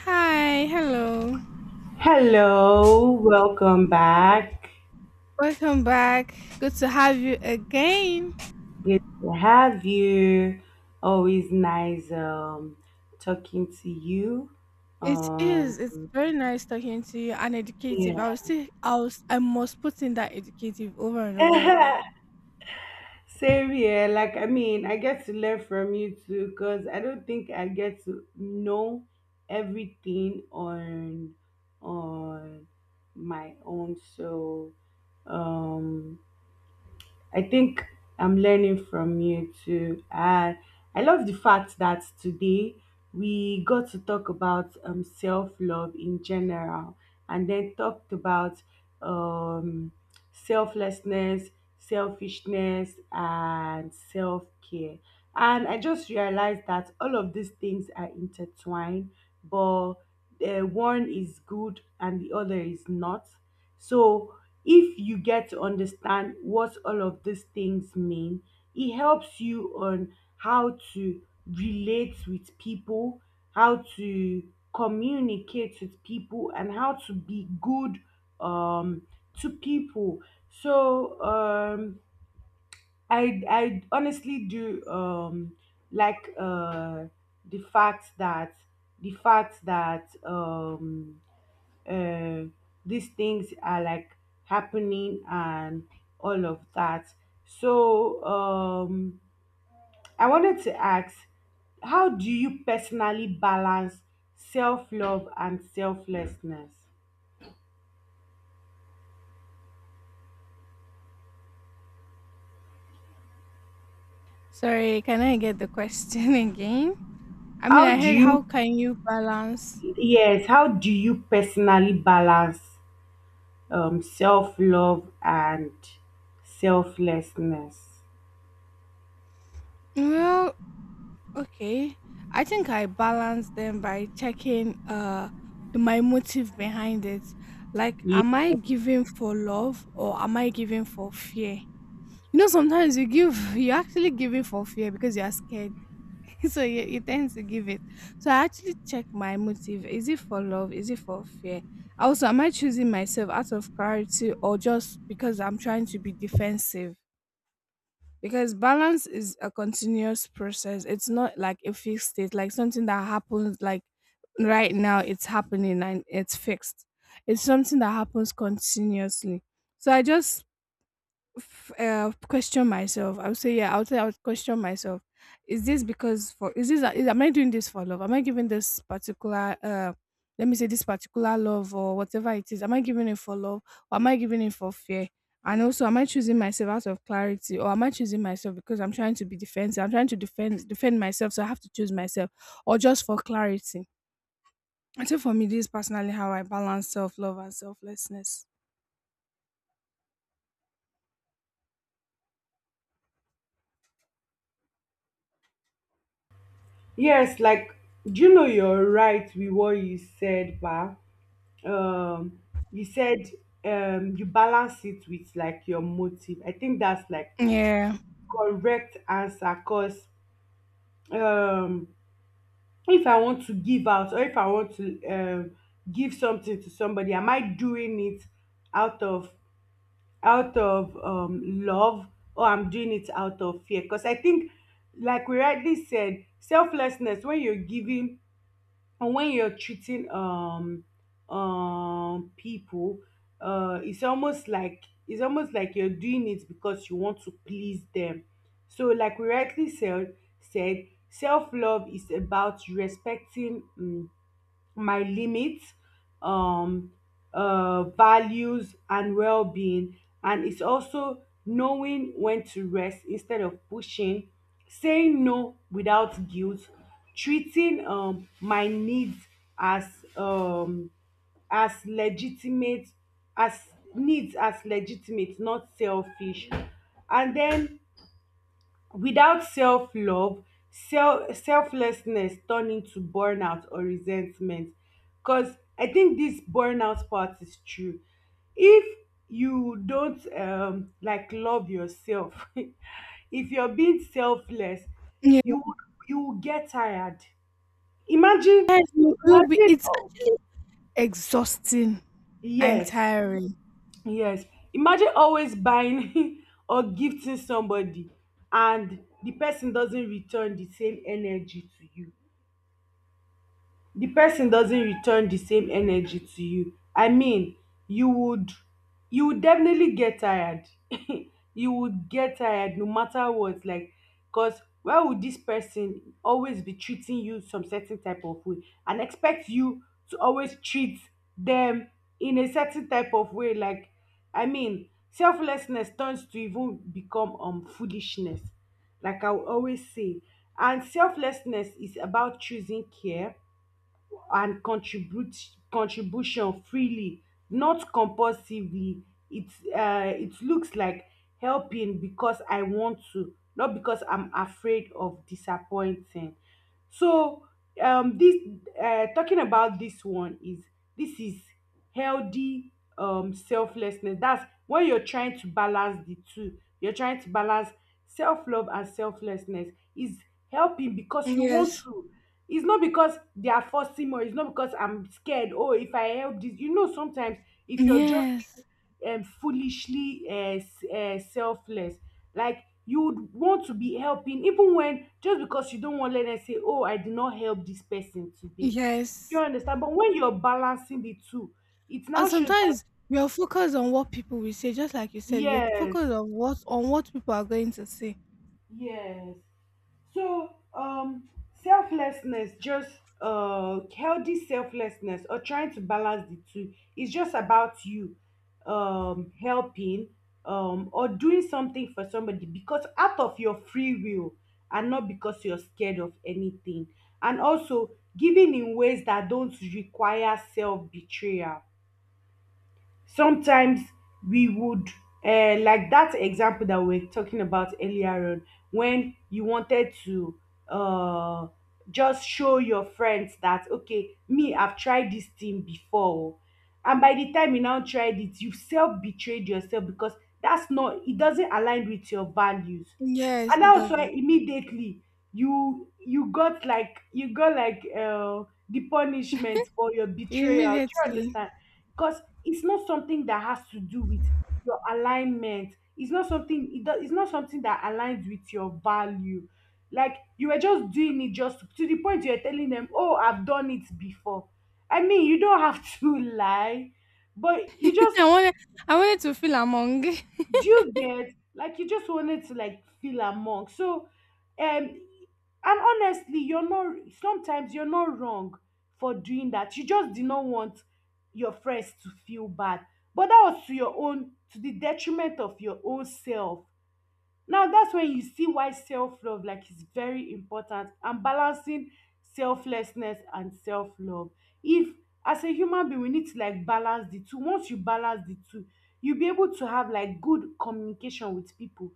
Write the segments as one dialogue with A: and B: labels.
A: Hi, hello.
B: Hello, welcome back.
A: Welcome back. Good to have you again.
B: Good to have you. Always nice talking to you.
A: It is. It's
B: Um
A: very nice talking to you and educative. I will
B: yeah.
A: still, I was, I must put in that educative over and over again.
B: Same here. Like I mean, I get to learn from you too because I don't think I get to know everything on my own. So um I think I'm learning from you too. I love the fact that today we got to talk about self love in general, and then talked about um, selflessness, selfishness, and self care. And I just realized that all of these things are intertwined, but one is good and the other is not. So if you get to understand what all of these things mean, it helps you on how to relate with people, how to communicate with people, and how to be good um to people. So I honestly do like the fact that the fact that um uh, these things are like happening and all of that. So I wanted to ask, how do you personally balance self love and selflessness?
A: Sorry, can I get the question again? I mean,
B: How
A: I
B: do
A: heard,
B: you,
A: how can you balance?
B: yes, how do you personally balance self love and selflessness?
A: Well, okay. I think I balance them by checking my motive behind it. Like,
B: Ye-
A: am I giving for love or am I giving for fear? You know, sometimes you give, you actually give it for fear because you are scared. So you tend to give it. So I actually check my motive. Is it for love? Is it for fear? Also, am I choosing myself out of clarity or just because I'm trying to be defensive? Because balance is a continuous process. It's not like a fixed state, like something that happens like right now it's happening and it's fixed. It's something that happens continuously. So I just question myself. I would say, yeah, I would say I would question myself. Is this because for is this is, am I doing this for love? Am I giving this particular let me say this particular love or whatever it is? Am I giving it for love or am I giving it for fear? And also, am I choosing myself out of clarity or am I choosing myself because I'm trying to be defensive? I'm trying to defend myself, so I have to choose myself or just for clarity. I think for me, this is personally how I balance self love and selflessness.
B: Yes, like, do you know you're right with what you said, Ba? um you said you balance it with like your motive. I think that's like
A: Yeah.
B: correct answer, because um if I want to give out, or if I want to give something to somebody, am I doing it out of out of love, or I'm doing it out of fear? Because I think, like we rightly said, selflessness, when you're giving and when you're treating people, it's almost like you're doing it because you want to please them. So like we rightly said, self-love is about respecting my limits, um values, and well-being. And it's also knowing when to rest instead of pushing, saying no without guilt, treating my needs as um as legitimate as needs as legitimate, not selfish. And then without self-love, selflessness turn into burnout or resentment. Because I think this burnout part is true. If you don't like love yourself, if you're being selfless,
A: Yeah.
B: you would you will get tired. Imagine,
A: Yes, you'll be,
B: imagine.
A: it's
B: Oh,
A: exhausting and
B: yes.
A: tiring.
B: Yes. Imagine always buying or gifting somebody, and the person doesn't return the same energy to you. The person doesn't return the same energy to you. I mean, you would you would definitely get tired. You would get tired no matter what, like, because why would this person always be treating you some certain type of way and expect you to always treat them in a certain type of way? Like, I mean, selflessness turns to even become foolishness, like I will always say. And selflessness is about choosing care and contribute contribution freely, not compulsively. it it looks like helping because I want to, not because I'm afraid of disappointing. So this talking about this one, is this is healthy selflessness. That's when you're trying to balance the two. You're trying to balance self-love and selflessness, is helping because you want
A: Yes.
B: to. It's not because they are forcing, or it's not because I'm scared. Oh, if I help this, sometimes if you're just
A: Yes.
B: foolishly selfless, like you would want to be helping even, when just because you don't want to let them say, oh, I did not help this person today. Do you
A: Yes.
B: understand? But when you're balancing the two, it
A: And
B: now shows that,
A: sometimes we are focused on what people will say, just like you said, you're focused
B: yes.
A: on what people are going to say.
B: Yes. So, selflessness, just healthy selflessness, or trying to balance the two, is just about you helping, or doing something for somebody because out of your free will, and not because you're scared of anything. And also giving in ways that don't require self betrayal. Sometimes we would, like that example that we were talking about earlier on, when you wanted to uh just show your friends that, okay, me, I've tried this thing before. And by the time you now tried it, you have self betrayed yourself, because that's not it doesn't align with your values.
A: Yes,
B: And
A: it
B: also
A: doesn't.
B: immediately, you got like, the punishment for your betrayal. Do you
A: Immediately.
B: understand? Because it's not something that has to do with your alignment. It's not something that aligns with your value. Like, you were just doing it, just to the point you're telling them, oh, I've done it before. I mean, you don't have to lie, but you just,
A: I wanted I wanted to feel among.
B: do you get? Like, you just wanted to, like, feel among. So and honestly, you're not sometimes you're not wrong for doing that. You just did not want your friends to feel bad, but that was to the detriment of your own self. Now that's when you see why self-love, like, is very important, and balancing selflessness and self-love. If, as a human being, we need to, like, balance the two. Once you balance the two, you'll be able to have, like, good communication with people,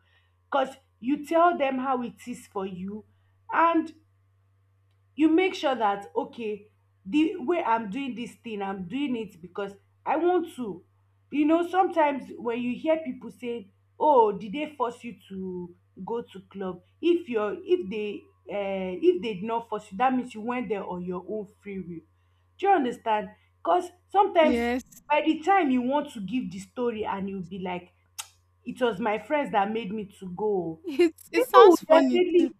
B: because you tell them how it is for you, and you make sure that, okay, the way I'm doing this thing, I'm doing it because I want to. You know, sometimes when you hear people say, oh, did they force you to go to club? If they, if they did not force you, that means you went there on your own free will. Do you understand? Because sometimes,
A: Yes.
B: by the time you want to give the story, and you'll be like, it was my friends that made me to go.
A: It
B: People
A: sounds
B: would
A: funny.
B: definitely,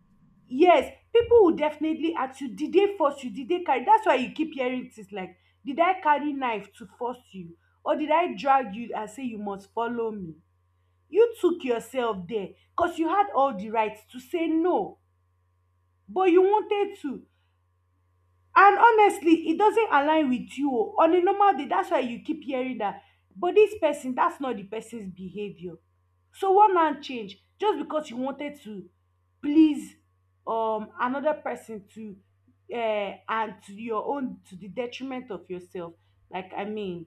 B: yes, people would definitely ask you, did they force you? Did they carry? That's why you keep hearing things like, did I carry knife to force you? Or did I drag you and say you must follow me? You took yourself there, because you had all the rights to say no, but you wanted to. And honestly, e doesn't align with you, o, on a normal day. That's why you keep hearing that. But this person, that's not the person's behavior. So one hand change, just because you wanted to please, another person, to, and to your own to the detriment of yourself. Like, I mean,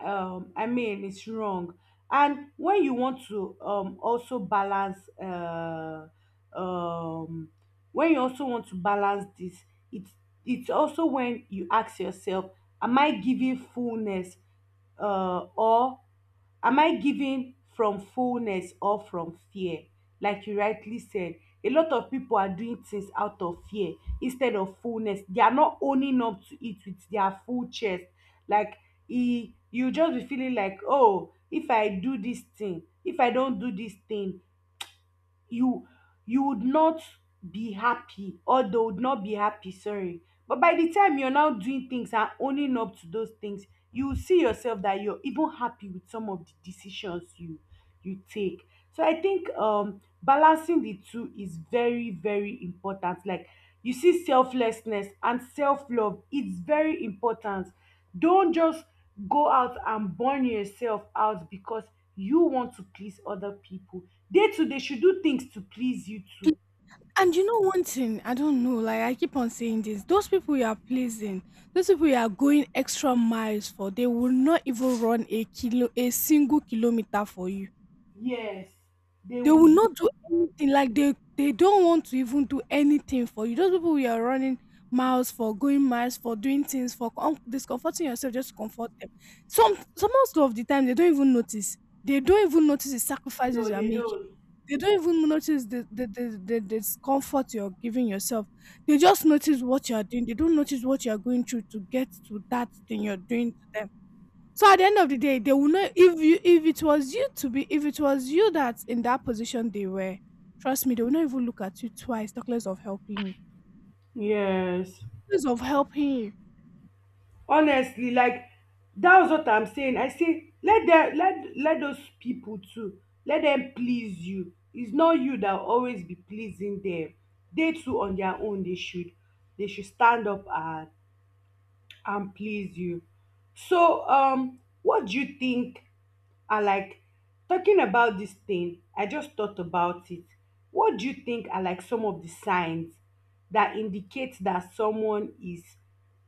B: it's wrong. And when you want to also balance, um when you also want to balance this, it's it's also when you ask yourself, am i giving fullness uh or am I giving from fullness or from fear? Like you rightly said, a lot of people are doing things out of fear instead of fullness. They are not owning up to it with their full chest. Like, e, you just be feeling like, oh, if I do this thing if I don't do this thing, you you would not be happy, or they would not be happy, sorry. But by the time you're now doing things and owning up to those things, you will see yourself that you're even happy with some of the decisions you take. So I think balancing the two is very, very important. Like, you see, selflessness and self-love, it's very important. Don't just go out and burn yourself out because you want to please other people. They too, they should do things to please you too.
A: And you know one thing, I don't know, like I keep on saying this, those people you are pleasing, those people you are going extra miles for, they will not even run a kilo a single kilometer for you.
B: Yes, they
A: They
B: would.
A: will not do anything, like they don't want to even do anything for you. Those people you are running miles for, going miles for, doing things for, discomforting yourself just to comfort them. Some most of the time they don't even notice. They don't even notice the sacrifices
B: No,
A: you are
B: they
A: making.
B: don't.
A: They don't even notice the, the discomfort you're giving yourself. They just notice what you're doing. They don't notice what you're going through to get to that thing you're doing to them. So at the end of the day, they will know if you if it was you to be if it was you that's in that position they were. Trust me, they will not even look at you twice, talk less of helping you. Talk
B: Yes,
A: less of helping you.
B: honestly, like, that's what I'm saying. I say, let them, let those people too, let them please you. It's not you that will always be pleasing them. They too, on their own, they should, stand up and please you. So, what do you think are, like, talking about this thing? I just thought about it. What do you think are, like, some of the signs that indicate that someone is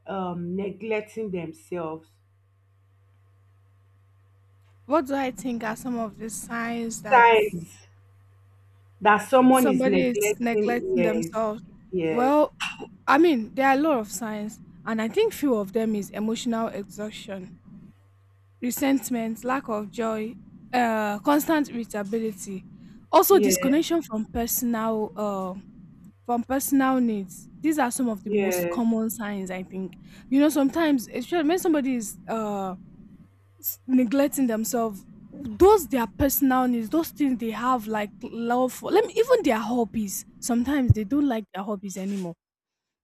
B: neglecting themselves?
A: What do I think are some of the signs that
B: Signs that someone is
A: somebody is
B: neglecting,
A: neglecting
B: yes,
A: themselves?
B: yes,
A: Well, I mean, there are a lot of signs, and I think few of them is emotional exhaustion, resentment, lack of joy, constant irritability, also
B: yes,
A: disconnection from from personal needs. These are some of the most
B: yes.
A: common signs I think. You know, sometimes especially when somebody is neglecting themselves, those their personal needs, those things they have like love for, let me even their hobbies, sometimes they don't like their hobbies anymore.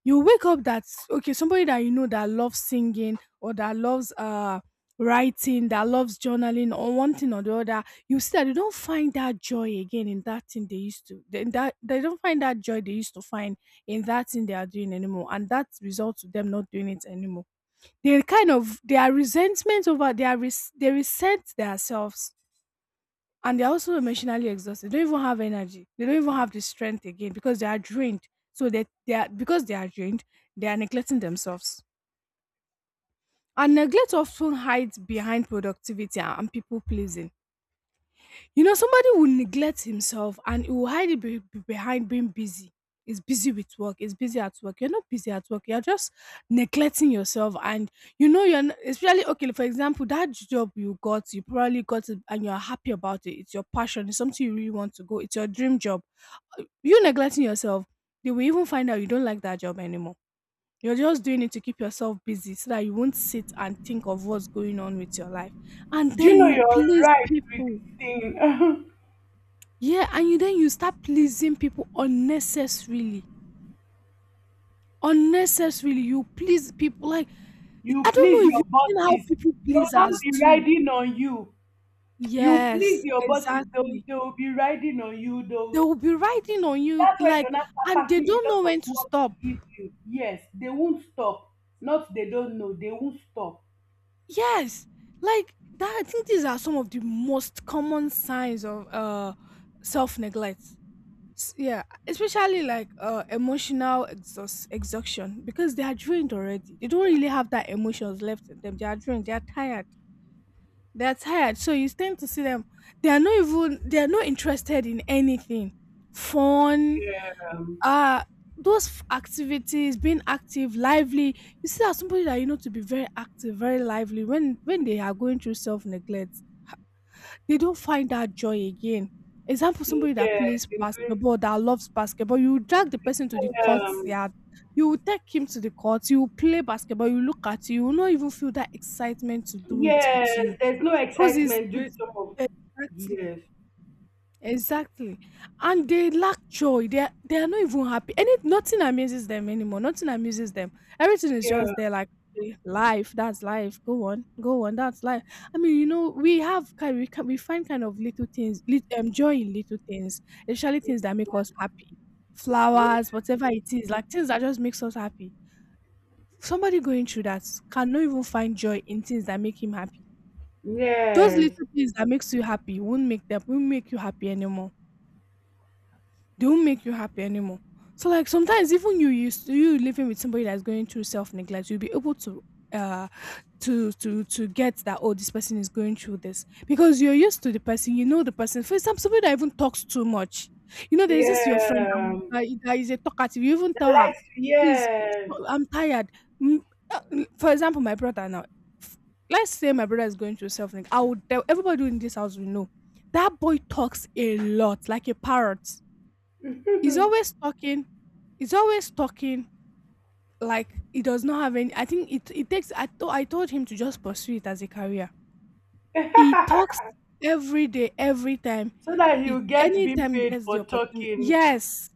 A: You wake up that okay, somebody that you know that loves singing or that loves writing, that loves journaling or one thing or the other, you see that they don't find that joy again in that thing they used to they, that they don't find that joy they used to find in that thing they are doing anymore, and that results to them not doing it anymore. They kind of, they are resentment over their res- they resent themselves, and they're also emotionally exhausted. They don't even have energy. They don't even have the strength again because they are drained. So they are because they are drained, they are neglecting themselves. And neglect often hides behind productivity and people pleasing. You know, somebody will neglect himself and he will hide it behind being busy. Is busy with work. Is busy at work. You're not busy at work. You're just neglecting yourself, and you know especially, okay. For example, that job you got, you probably got it, and you're happy about it. It's your passion. It's something you really want to go. It's your dream job. You neglecting yourself, they will even find out you don't like that job anymore. You're just doing it to keep yourself busy, so that you won't sit and think of what's going on with your life, and
B: Do you
A: then
B: know
A: you
B: you're
A: please
B: right with
A: people.
B: this thing?
A: Yeah, and you then you start pleasing people unnecessarily. Unnecessarily, you please people, like I
B: You
A: don't
B: please
A: know if you've
B: your
A: seen how
B: bosses,
A: people
B: they will not
A: pleasers
B: be
A: do.
B: riding on you. You please
A: Yes,
B: your bosses,
A: exactly.
B: they will be riding on you.
A: They
B: Though
A: will be riding on you,
B: that's why they
A: like,
B: now
A: and
B: start
A: they
B: packing
A: don't
B: a lot
A: know
B: of
A: when to
B: work
A: stop.
B: to give you. Yes, they won't stop. Not they don't know. They won't stop.
A: Yes. Like that, I think these are some of the most common signs of self-neglect. Yeah, especially like emotional exhaust exhaustion, because they are drained already, they don't really have that emotions left in them, they are drained, they are tired, they are tired. So you tend to see them, they are not interested in anything fun,
B: Yeah.
A: uh activities, being active, lively. You see that somebody that you know to be very active, very lively, when they are going through self-neglect, they don't find that joy again. Example, somebody that
B: Yes.
A: plays basketball, that loves basketball, you drag the person to the
B: Um,
A: courtyard, you will take him to the court, you will play basketball, you look at you, you will not even feel that excitement to do it with you.
B: yes. There's no
A: Because it's
B: excitement during
A: it's-
B: some of.
A: exactly.
B: Yes.
A: Exactly. And they lack joy. They are not even happy. And it, nothing amuses them anymore. Nothing amuses them. Everything is
B: Yeah.
A: just there, like okay, life. That's life. Go on. Go on. That's life. I mean, you know, we have kind, we can we find kind of little things, lit, joy in little things, especially things that make us happy.
B: Yes.
A: Flowers, whatever it is, like things that just makes us happy. Somebody going through that cannot even find joy in things that make him happy. Those
B: Yes.
A: little things that makes you happy won't make them, won't make you happy anymore. They won't make you happy anymore. So like sometimes even you living with somebody that's going through self neglect, you'll be able to uh to get that, oh, this person is going through this, because you're used to the person, you know the person. For example, somebody that even talks too much, you know there's this your friend
B: Yeah.
A: that, that is a talkative. You even tell her, please,
B: Yes.
A: I'm tired. Mm, For example, my brother now. f- Let's say my brother is going through self neglect. I would tell everybody in this house, we know that boy talks a lot like a parrot. He's always talking. He's always talking, like he does not have any. I think it takes I told him to just pursue it as a career. He talks every day, every time.
B: So that
A: It.
B: you get being
A: Anytime he
B: paid
A: gets the
B: for
A: opportunity,
B: talking.
A: yes.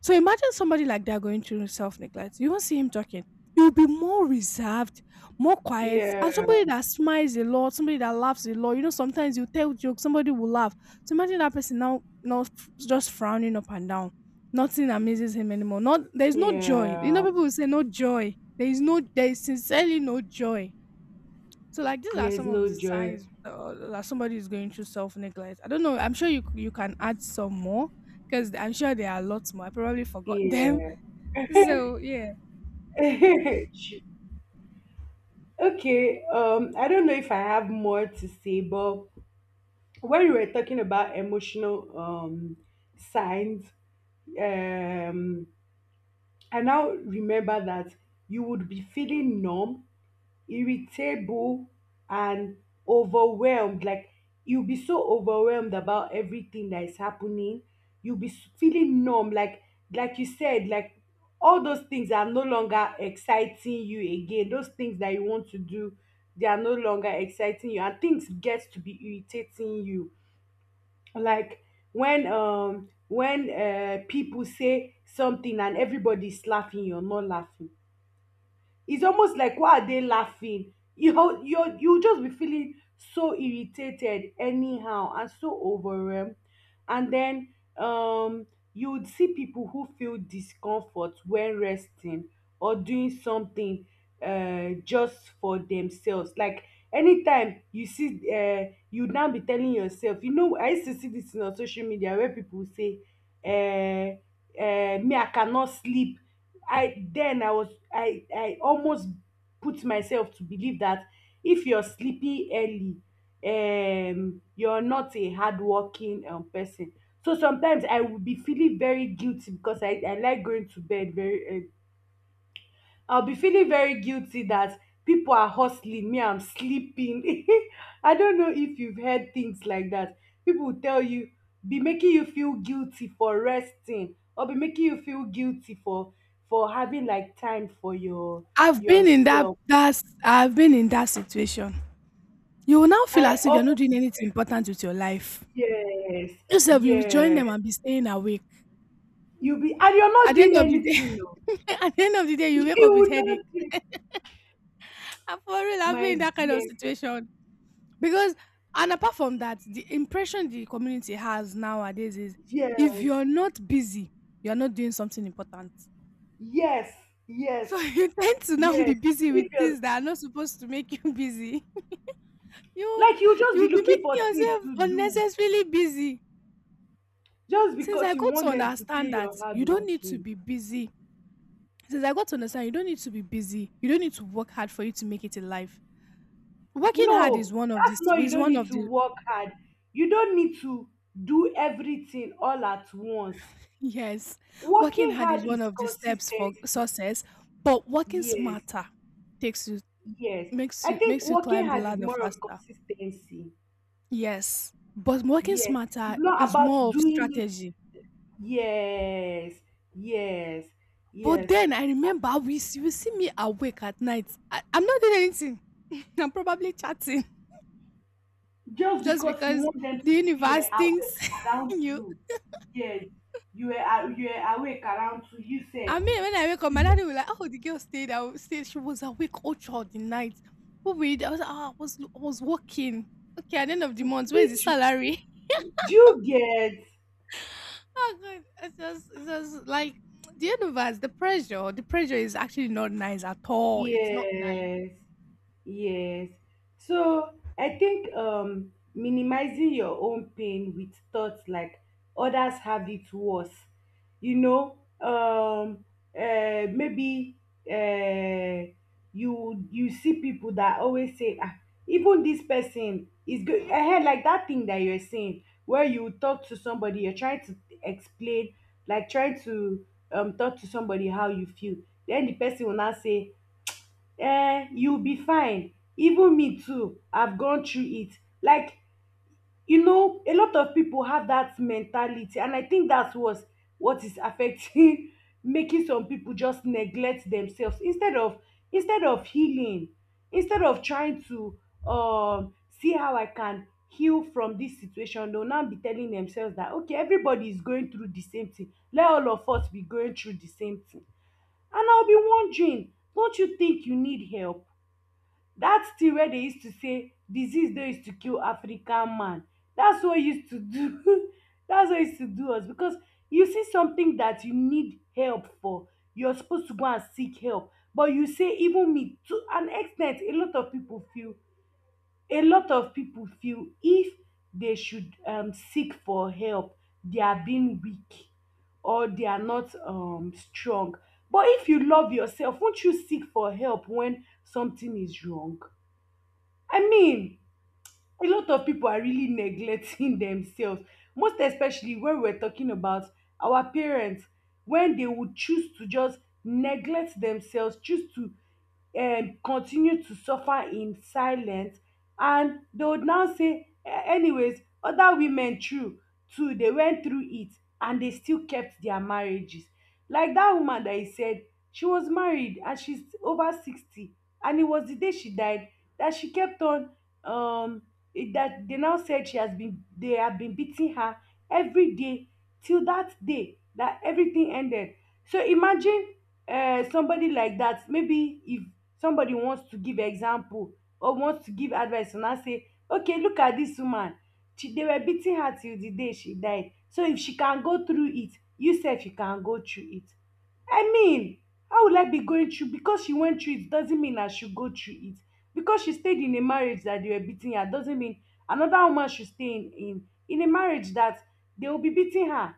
A: So imagine somebody like that going through self neglect. You won't see him talking. He will be more reserved, more quiet,
B: Yeah,
A: and somebody that smiles a lot, somebody that laughs a lot. You know, sometimes you tell jokes, somebody will laugh. So imagine that person now, not just frowning up and down. Nothing amazes him anymore. Not There is no joy. You know,
B: yeah.
A: people will say no joy. There is no, there is sincerely no joy. So like these are
B: There's
A: some of
B: no
A: the
B: joy.
A: signs that somebody is going through self neglect. I don't know. I'm sure you can add some more, because I'm sure there are lots more. I probably forgot them.
B: Yeah.
A: So yeah,
B: Okay. I don't know if I have more to say, but when we were talking about emotional signs, um, I now remember that you would be feeling numb, irritable, and overwhelmed. Like, you'll be so overwhelmed about everything that is happening. You'll be feeling numb. Like you said, like, all those things are no longer exciting you again. Those things that you want to do, they are no longer exciting you, and things get to be irritating you. Like when people say something and everybody's laughing, you're not laughing. It's almost like why are they laughing? You ho- you you just be feeling so irritated anyhow and so overwhelmed. And then you would see people who feel discomfort when resting or doing something just for themselves. Like anytime you see, you now be telling yourself, you know, I used to see this thing on social media where people say, uh, me I cannot sleep. I then I was I almost put myself to believe that if you're sleepy early, you're not a hardworking person. So sometimes I would be feeling very guilty because I like going to bed very early. I'll be feeling very guilty that people are hustling me. I'm sleeping. I don't know if you've heard things like that. People will tell you, be making you feel guilty for resting, or be making you feel guilty for having like time for
A: I've been in
B: yourself.
A: I've been in that situation. You will now feel
B: I,
A: as if you're not
B: oh,
A: doing anything important with your life.
B: yes,
A: Yourself, you join
B: yes.
A: them and be staying awake.
B: You'll be and you're
A: At
B: not
A: the end
B: doing
A: of the day,
B: anything. Though.
A: at the end of the day, you wake
B: You
A: up with
B: will
A: headache.
B: not. Do-
A: I'm for real. I've
B: My
A: been in that kind of
B: dear,
A: situation. Because, and apart from that, the impression the community has nowadays is if
B: yes,
A: you're not busy, you're not doing something important.
B: yes, yes,
A: So you tend to now be
B: yes.
A: busy with
B: If you're,
A: things that are not supposed to make you busy. You
B: like, you'll just
A: you'll
B: be
A: be
B: looking
A: making
B: for things
A: yourself
B: to do
A: unnecessarily busy.
B: just
A: Since I
B: because you
A: got to
B: want them to say
A: understand that
B: you're
A: you don't need to
B: hardworking.
A: be busy. Since I got to understand you don't need to be busy. You don't need to work hard for you to make it in life. Working hard is
B: No,
A: one of
B: that's
A: this
B: not, you
A: is
B: don't
A: one
B: need
A: of
B: to
A: the
B: work hard. You don't need to do everything all at once.
A: Yes, working
B: Working
A: hard is
B: hard
A: one
B: is
A: of the steps for
B: consistency.
A: success, but working
B: Yes,
A: smarter takes you
B: yes.
A: makes
B: I
A: you
B: think
A: makes you
B: working
A: climb the
B: hard is
A: ladder
B: more of
A: faster.
B: consistency.
A: Yes, but working
B: Yes.
A: smarter
B: It's not
A: is
B: about
A: more of
B: doing it.
A: strategy.
B: Yes, yes,
A: But
B: yes.
A: then I remember you see me awake at night. I'm not doing anything. I'm probably chatting
B: Just
A: just
B: because you
A: because
B: want them to
A: the
B: say you were
A: universe thinks
B: awake around
A: you.
B: two. Yes, you were a- you were awake around two, you sef.
A: I mean, when I wake up, my daddy was like, "Oh, the girl stayed. She was awake all throughout the night. What we did, I was like, ah, I was working. Okay, at the end of the month, where's the
B: Which
A: salary?"
B: do you get?
A: Oh God, it's just like the universe. The pressure is actually not nice at all. It's not nice.
B: Yes. Yes. So I think minimizing your own pain with thoughts like others have it worse. You know, maybe uh you you see people that always say, ah, even this person is good ahead, like that thing that you're saying, where you talk to somebody you're trying to explain, like trying to talk to somebody how you feel, then the person will now say, you be fine, even me too have gone through it. Like, you know, a lot of people have that mentality and I think that's what is affecting, making some people just neglect themselves, instead of healing, instead of trying to um see how I can heal from this situation. They will now be telling themselves that, okay, everybody is going through the same thing, let all of us be going through the same thing. And I'll be wondering, don't you think you need help? That thing wey dey use to say disease no use to kill African man. That's what use to do, that's what use to do us. Because you see something that you need help for, you're supposed to go and seek help, but you say, even me. To an extent, a lot of people feel, if they should seek for help, they are being weak or they are not strong. But if you love yourself, won't you seek for help when something is wrong? I mean, a lot of people are really neglecting themselves, most especially when we're talking about our parents, when they would choose to just neglect themselves, choose to continue to suffer in silence. And they would now say, "Eh, anyways, other women true too, they went through it and they still kept their marriages." Like that woman that I said, she was married and she's over 60, and it was the day she died that she kept on um it- that they now said she has been, they have been beating her every day till that day that everything ended. So imagine somebody like that. Maybe if somebody wants to give example or wants to give advice, will now say, okay, look at this woman. She, they were beating her till the day she died. So if she can go through it, you said you can go through it. I mean, how will I be going through? Because she went through it doesn't mean I should go through it. Because she stayed in a marriage that they were beating her doesn't mean another woman should stay in a marriage that they will be beating her.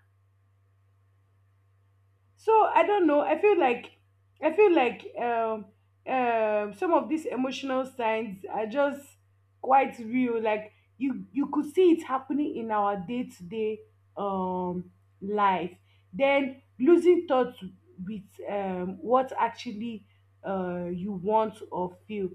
B: So I don't know, I feel like, I feel like some of these emotional signs are just quite real. Like you could see it happening in our day-to-day um life. Then losing touch with what actually you want or feel.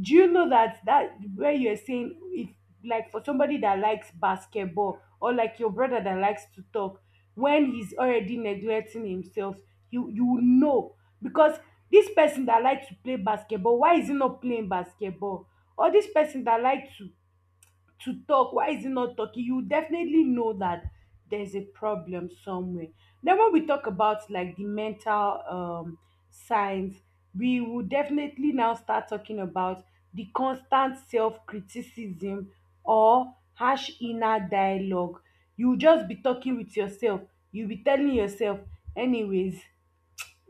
B: Do you know that, that where you're saying, if like for somebody that likes basketball or like your brother that likes to talk, when he's already neglecting himself, you will know. Because this person that like to play basketball, why is he not playing basketball? Or this person that like to talk, why is he not talking? You definitely know that there's a problem somewhere. Then when we talk about like the mental signs, we will definitely now start talking about the constant self-criticism or harsh inner dialogue. You just be talking with yourself, you be telling yourself, anyways,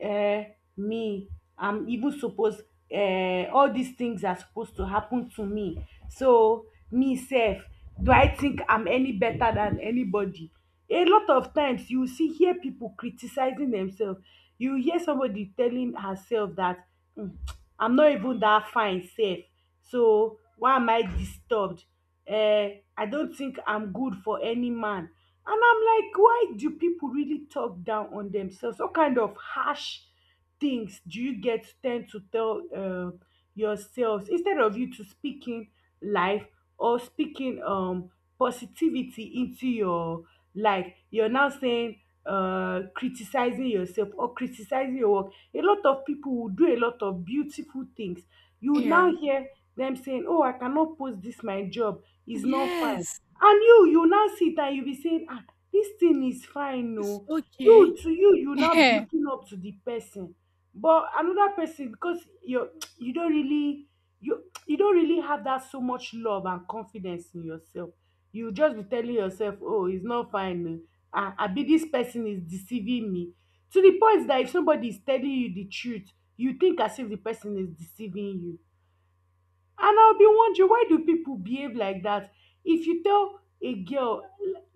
B: um me, I'm even suppose, all dis things are suppose to happen to me, so me sef, do I think I'm any better than anybody? A lot of times you see, hear people criticizing themselves. You hear somebody telling herself that, "Hmm, I'm not even that fine sef, so why am I disturbed? um I don't think I'm good for any man." And I'm like, why do people really talk down on themselves? What kind of harsh things do you get tend to tell, yourselves, instead of you to speaking life or speaking positivity into your life? You're now saying, uh, criticizing yourself or criticizing your work. A lot of people will do a lot of beautiful things. You would
A: Yeah.
B: now hear them saying, "Oh, I cannot post this. My job is not fine."
A: Yes.
B: And you now sit and you be saying, ah, this thing is fine
A: It's
B: oh.
A: okay.
B: You to you you now be looking up to the person, but another person, because you you don't really, you don't really have that so much love and confidence in yourself. You just be telling yourself, oh, it's not fine oh, ah, abi this person is deceiving me. To the point that if somebody is telling you the truth, you think as if the person is deceiving you. And I bin wondering, why do people behave like dat? If you tell a girl,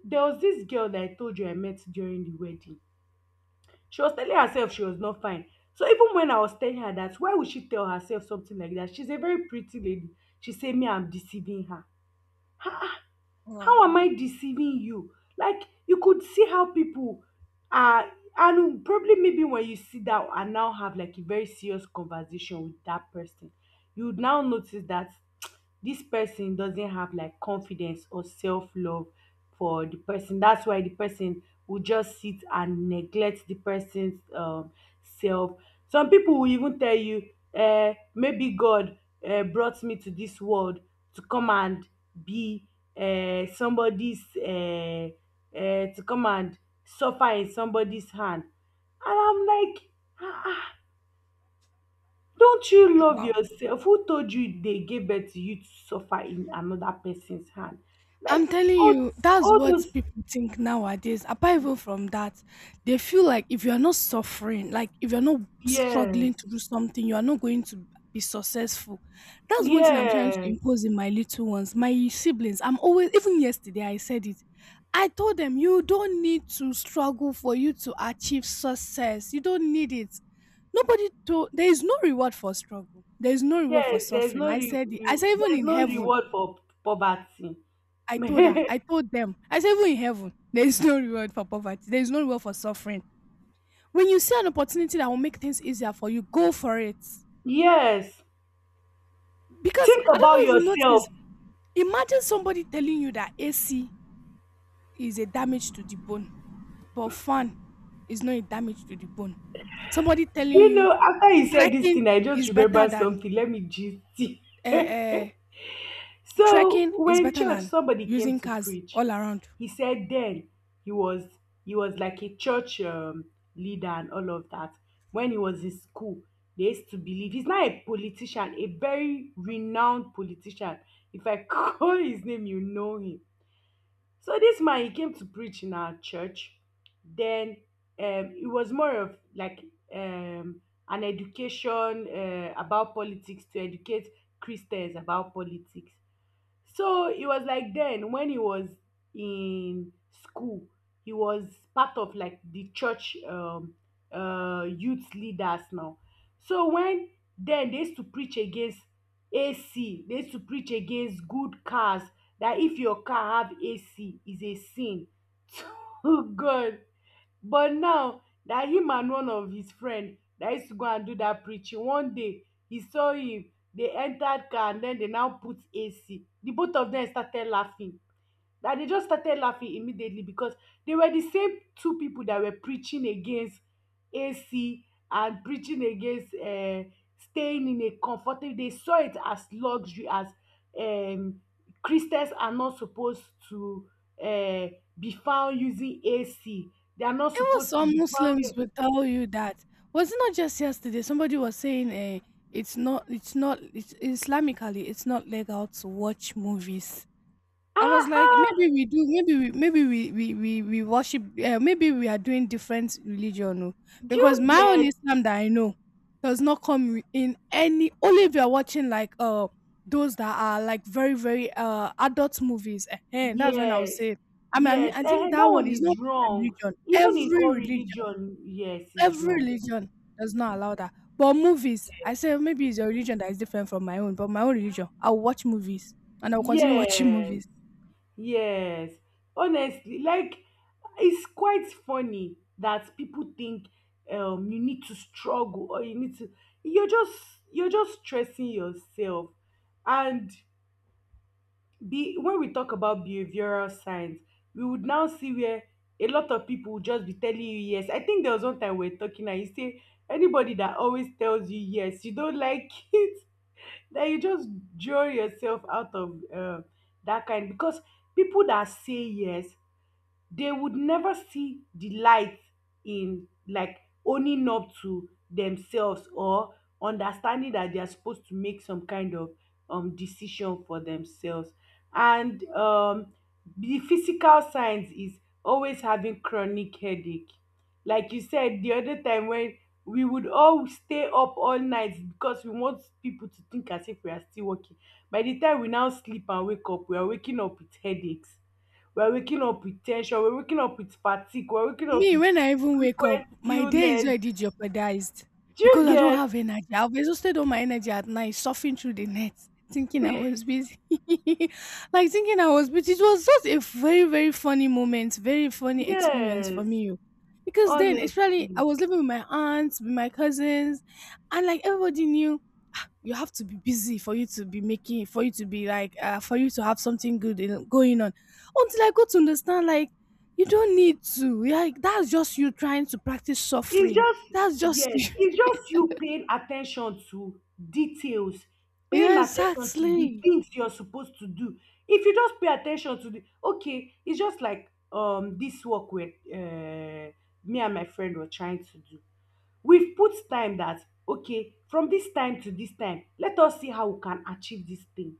B: there was this girl that I told you I met during the wedding, she was telling herself she was not fine. So even when I was telling her that, why would she tell herself something like that? She's a very pretty lady. She say me I'm deceiving her.
A: Wow.
B: How am I deceiving you? Like, you could see how people are. And probably maybe when you sit down and now have like a very serious conversation with that person, you would now notice that this person doesn't have like confidence or self-love for the person. That's why the person will just sit and neglect the person's self. Some people will even tell you, eh, maybe God, eh, brought me to this world to come and be somebody's to come and suffer in somebody's hand. And I'm like, ah ah, don't you love
A: Wow.
B: yourself? Who told you they gave birth to you to suffer in another person's hand?
A: I'm
B: Like,
A: telling
B: all
A: you, that's
B: all
A: what
B: those,
A: people think nowadays. Apart even from that, they feel like if you're not suffering, like if you're not
B: yes,
A: struggling to do something, you are not going to be successful. That's one thing I'm trying to
B: yes,
A: impose in my little ones, my siblings. I'm always, even yesterday, I said it. I told them, you don't need to struggle for you to achieve success. You don't need it. There is no reward for struggle. There is no reward for
B: yes, there's
A: suffering.
B: no
A: I said it. I said, even
B: there's
A: in
B: no
A: heaven,
B: reward for poverty.
A: I told her. I told them. I said, even in heaven, there is no reward for poverty. There is no reward for suffering. When you see an opportunity that will make things easier for you, go for it.
B: Yes,
A: Because
B: think
A: I don't
B: about
A: know if you
B: yourself.
A: notice, imagine somebody telling you that AC is a damage to the bone, but fan is not a damage to the bone. Somebody telling
B: You
A: you
B: know, after you said this
A: trekking
B: thing, I just
A: is better
B: remember
A: than
B: something. Let me just see.
A: uh, uh,
B: So
A: trekking is
B: when
A: better
B: church,
A: than
B: somebody came
A: using
B: to
A: cars
B: preach,
A: all around.
B: he said then, he was, he was like a church leader and all of that. When he was in school, they used to believe, he's not a politician, a very renowned politician. If I call his name, you know him. So this man, he came to preach in our church. Then it was more of like um, an education about politics, to educate Christians about politics. So it was like then when he was in school, he was part of like the church youth leaders now. So when, then they used to preach against AC, they used to preach against good cars, that if your car have AC is a sin. Oh God, but now na him and one of his friend na used to go and do that preaching. One day he saw him, they entered car and then they now put ac, the both of them started laughing. And they just started laughing immediately because they were the same two people that were preaching against AC and preaching against staying in a comfortable. They saw it as luxury, as, um, Christians are not supposed to uh, be found using AC. They are not
A: Even
B: supposed to
A: some
B: be
A: Muslims
B: found.
A: will tell you that. Was it not just yesterday? Somebody was saying, eh, it's not, it's not, it's, Islamically, it's not legal to watch movies. I
B: Ah,
A: was like,
B: ah,
A: maybe we do, maybe we worship, maybe we are doing different religion, oh.
B: do
A: Because
B: you
A: my own
B: get?
A: Islam that I know does not come in any. Only if you are watching like those that are like very adult movies, and that's when I would
B: Yes,
A: say. I mean,
B: yes.
A: I think that
B: That
A: one
B: one
A: is not
B: is
A: my
B: wrong.
A: religion.
B: Even in all religion, yes, is
A: Every
B: wrong.
A: religion does not allow that. But movies, I say maybe it's your religion that is different from my own. But my own religion, I'll watch movies and I'll continue watching
B: Yes.
A: movies.
B: Yes, honestly, like it's quite funny that people think you need to struggle or you need to, you're just you're just stressing yourself. And be when we talk about behavioral science, we would now see where a lot of people would just be telling you yes. I think there was one time we were talking and you say anybody that always tells you yes, you don't like it, then you just draw yourself out of that kind, because people that say yes, they would never see the light in, like, owning up to themselves or understanding that they are supposed to make some kind of, decision for themselves. And the physical signs is always having chronic headache. Like you said the other time, when we would all stay up all night because we want people to think as if we are still working. By the time we now sleep and wake up, we are waking up with headaches. We're waking up with tension, we're waking up with fatigue, we're waking up
A: Me,
B: with
A: when I even wake up,
B: frequent
A: my day is
B: illness.
A: already jeopardized
B: Do you
A: because I don't
B: get?
A: have energy. I've exhausted all my energy at night, surfing through the net, thinking I was busy. Like thinking I was busy. It was just a very funny moment, very funny experience for
B: Yes,
A: me, oh. Because then, especially, I
B: honestly.
A: was living with my aunts, with my cousins, and like everybody knew you have to be busy for you to be making for you to be like for you to have something good going on until I got to understand like you don't need to like that's just you trying to practice
B: It's
A: suffering.
B: just,
A: That's just
B: yes,
A: you.
B: it's just you paying attention to details, paying
A: Yeah,
B: attention to the
A: exactly.
B: things you're supposed to do. If you just pay attention to the, okay, it's just like, this work with me and my friend were trying to do, we've put time that, okay, from this time to this time let us see how we can achieve this thing.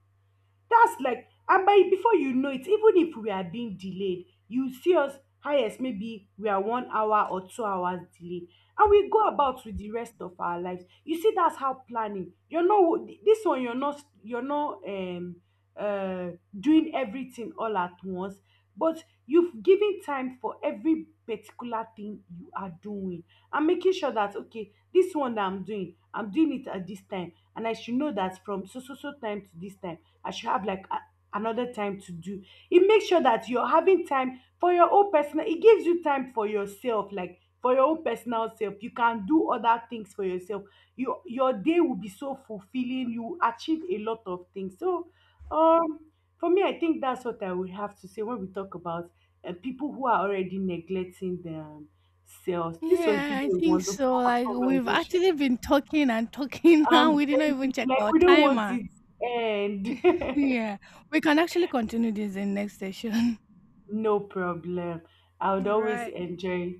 B: That's like, and by, before you know it, even if we are being delayed, you see us highest maybe we are 1 hour or 2 hours delayed, and we go about with the rest of our lives. You see, that's how planning. You're not you're not um uh doing everything all at once, but you've given time for every particular thing you are doing. And making sure that, okay, this one that I'm doing, I'm doing it at this time, and I should know that from so so so time to this time I should have like a, another time to do. It makes sure that you're having time for your own personal. It gives you time for yourself, like for your own personal self. You can do other things for yourself. Your day will be so fulfilling. You achieve a lot of things. So, um, for me, I think that's what I would have to say when we talk about people who are already neglecting themselves. This was
A: Yeah, I
B: really a
A: think
B: wonderful
A: so. Like we've
B: conversation.
A: actually been talking and talking. Now
B: I'm
A: we didn't
B: telling
A: even
B: you,
A: check
B: like
A: our
B: we don't want
A: timer.
B: it to end.
A: Yeah, we can actually continue this in next session.
B: No problem. I would
A: All
B: always
A: right.
B: enjoy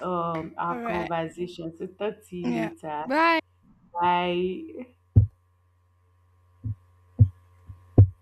A: All
B: our
A: right.
B: conversation. So talk to
A: Yeah.
B: you later.
A: Bye.
B: Bye.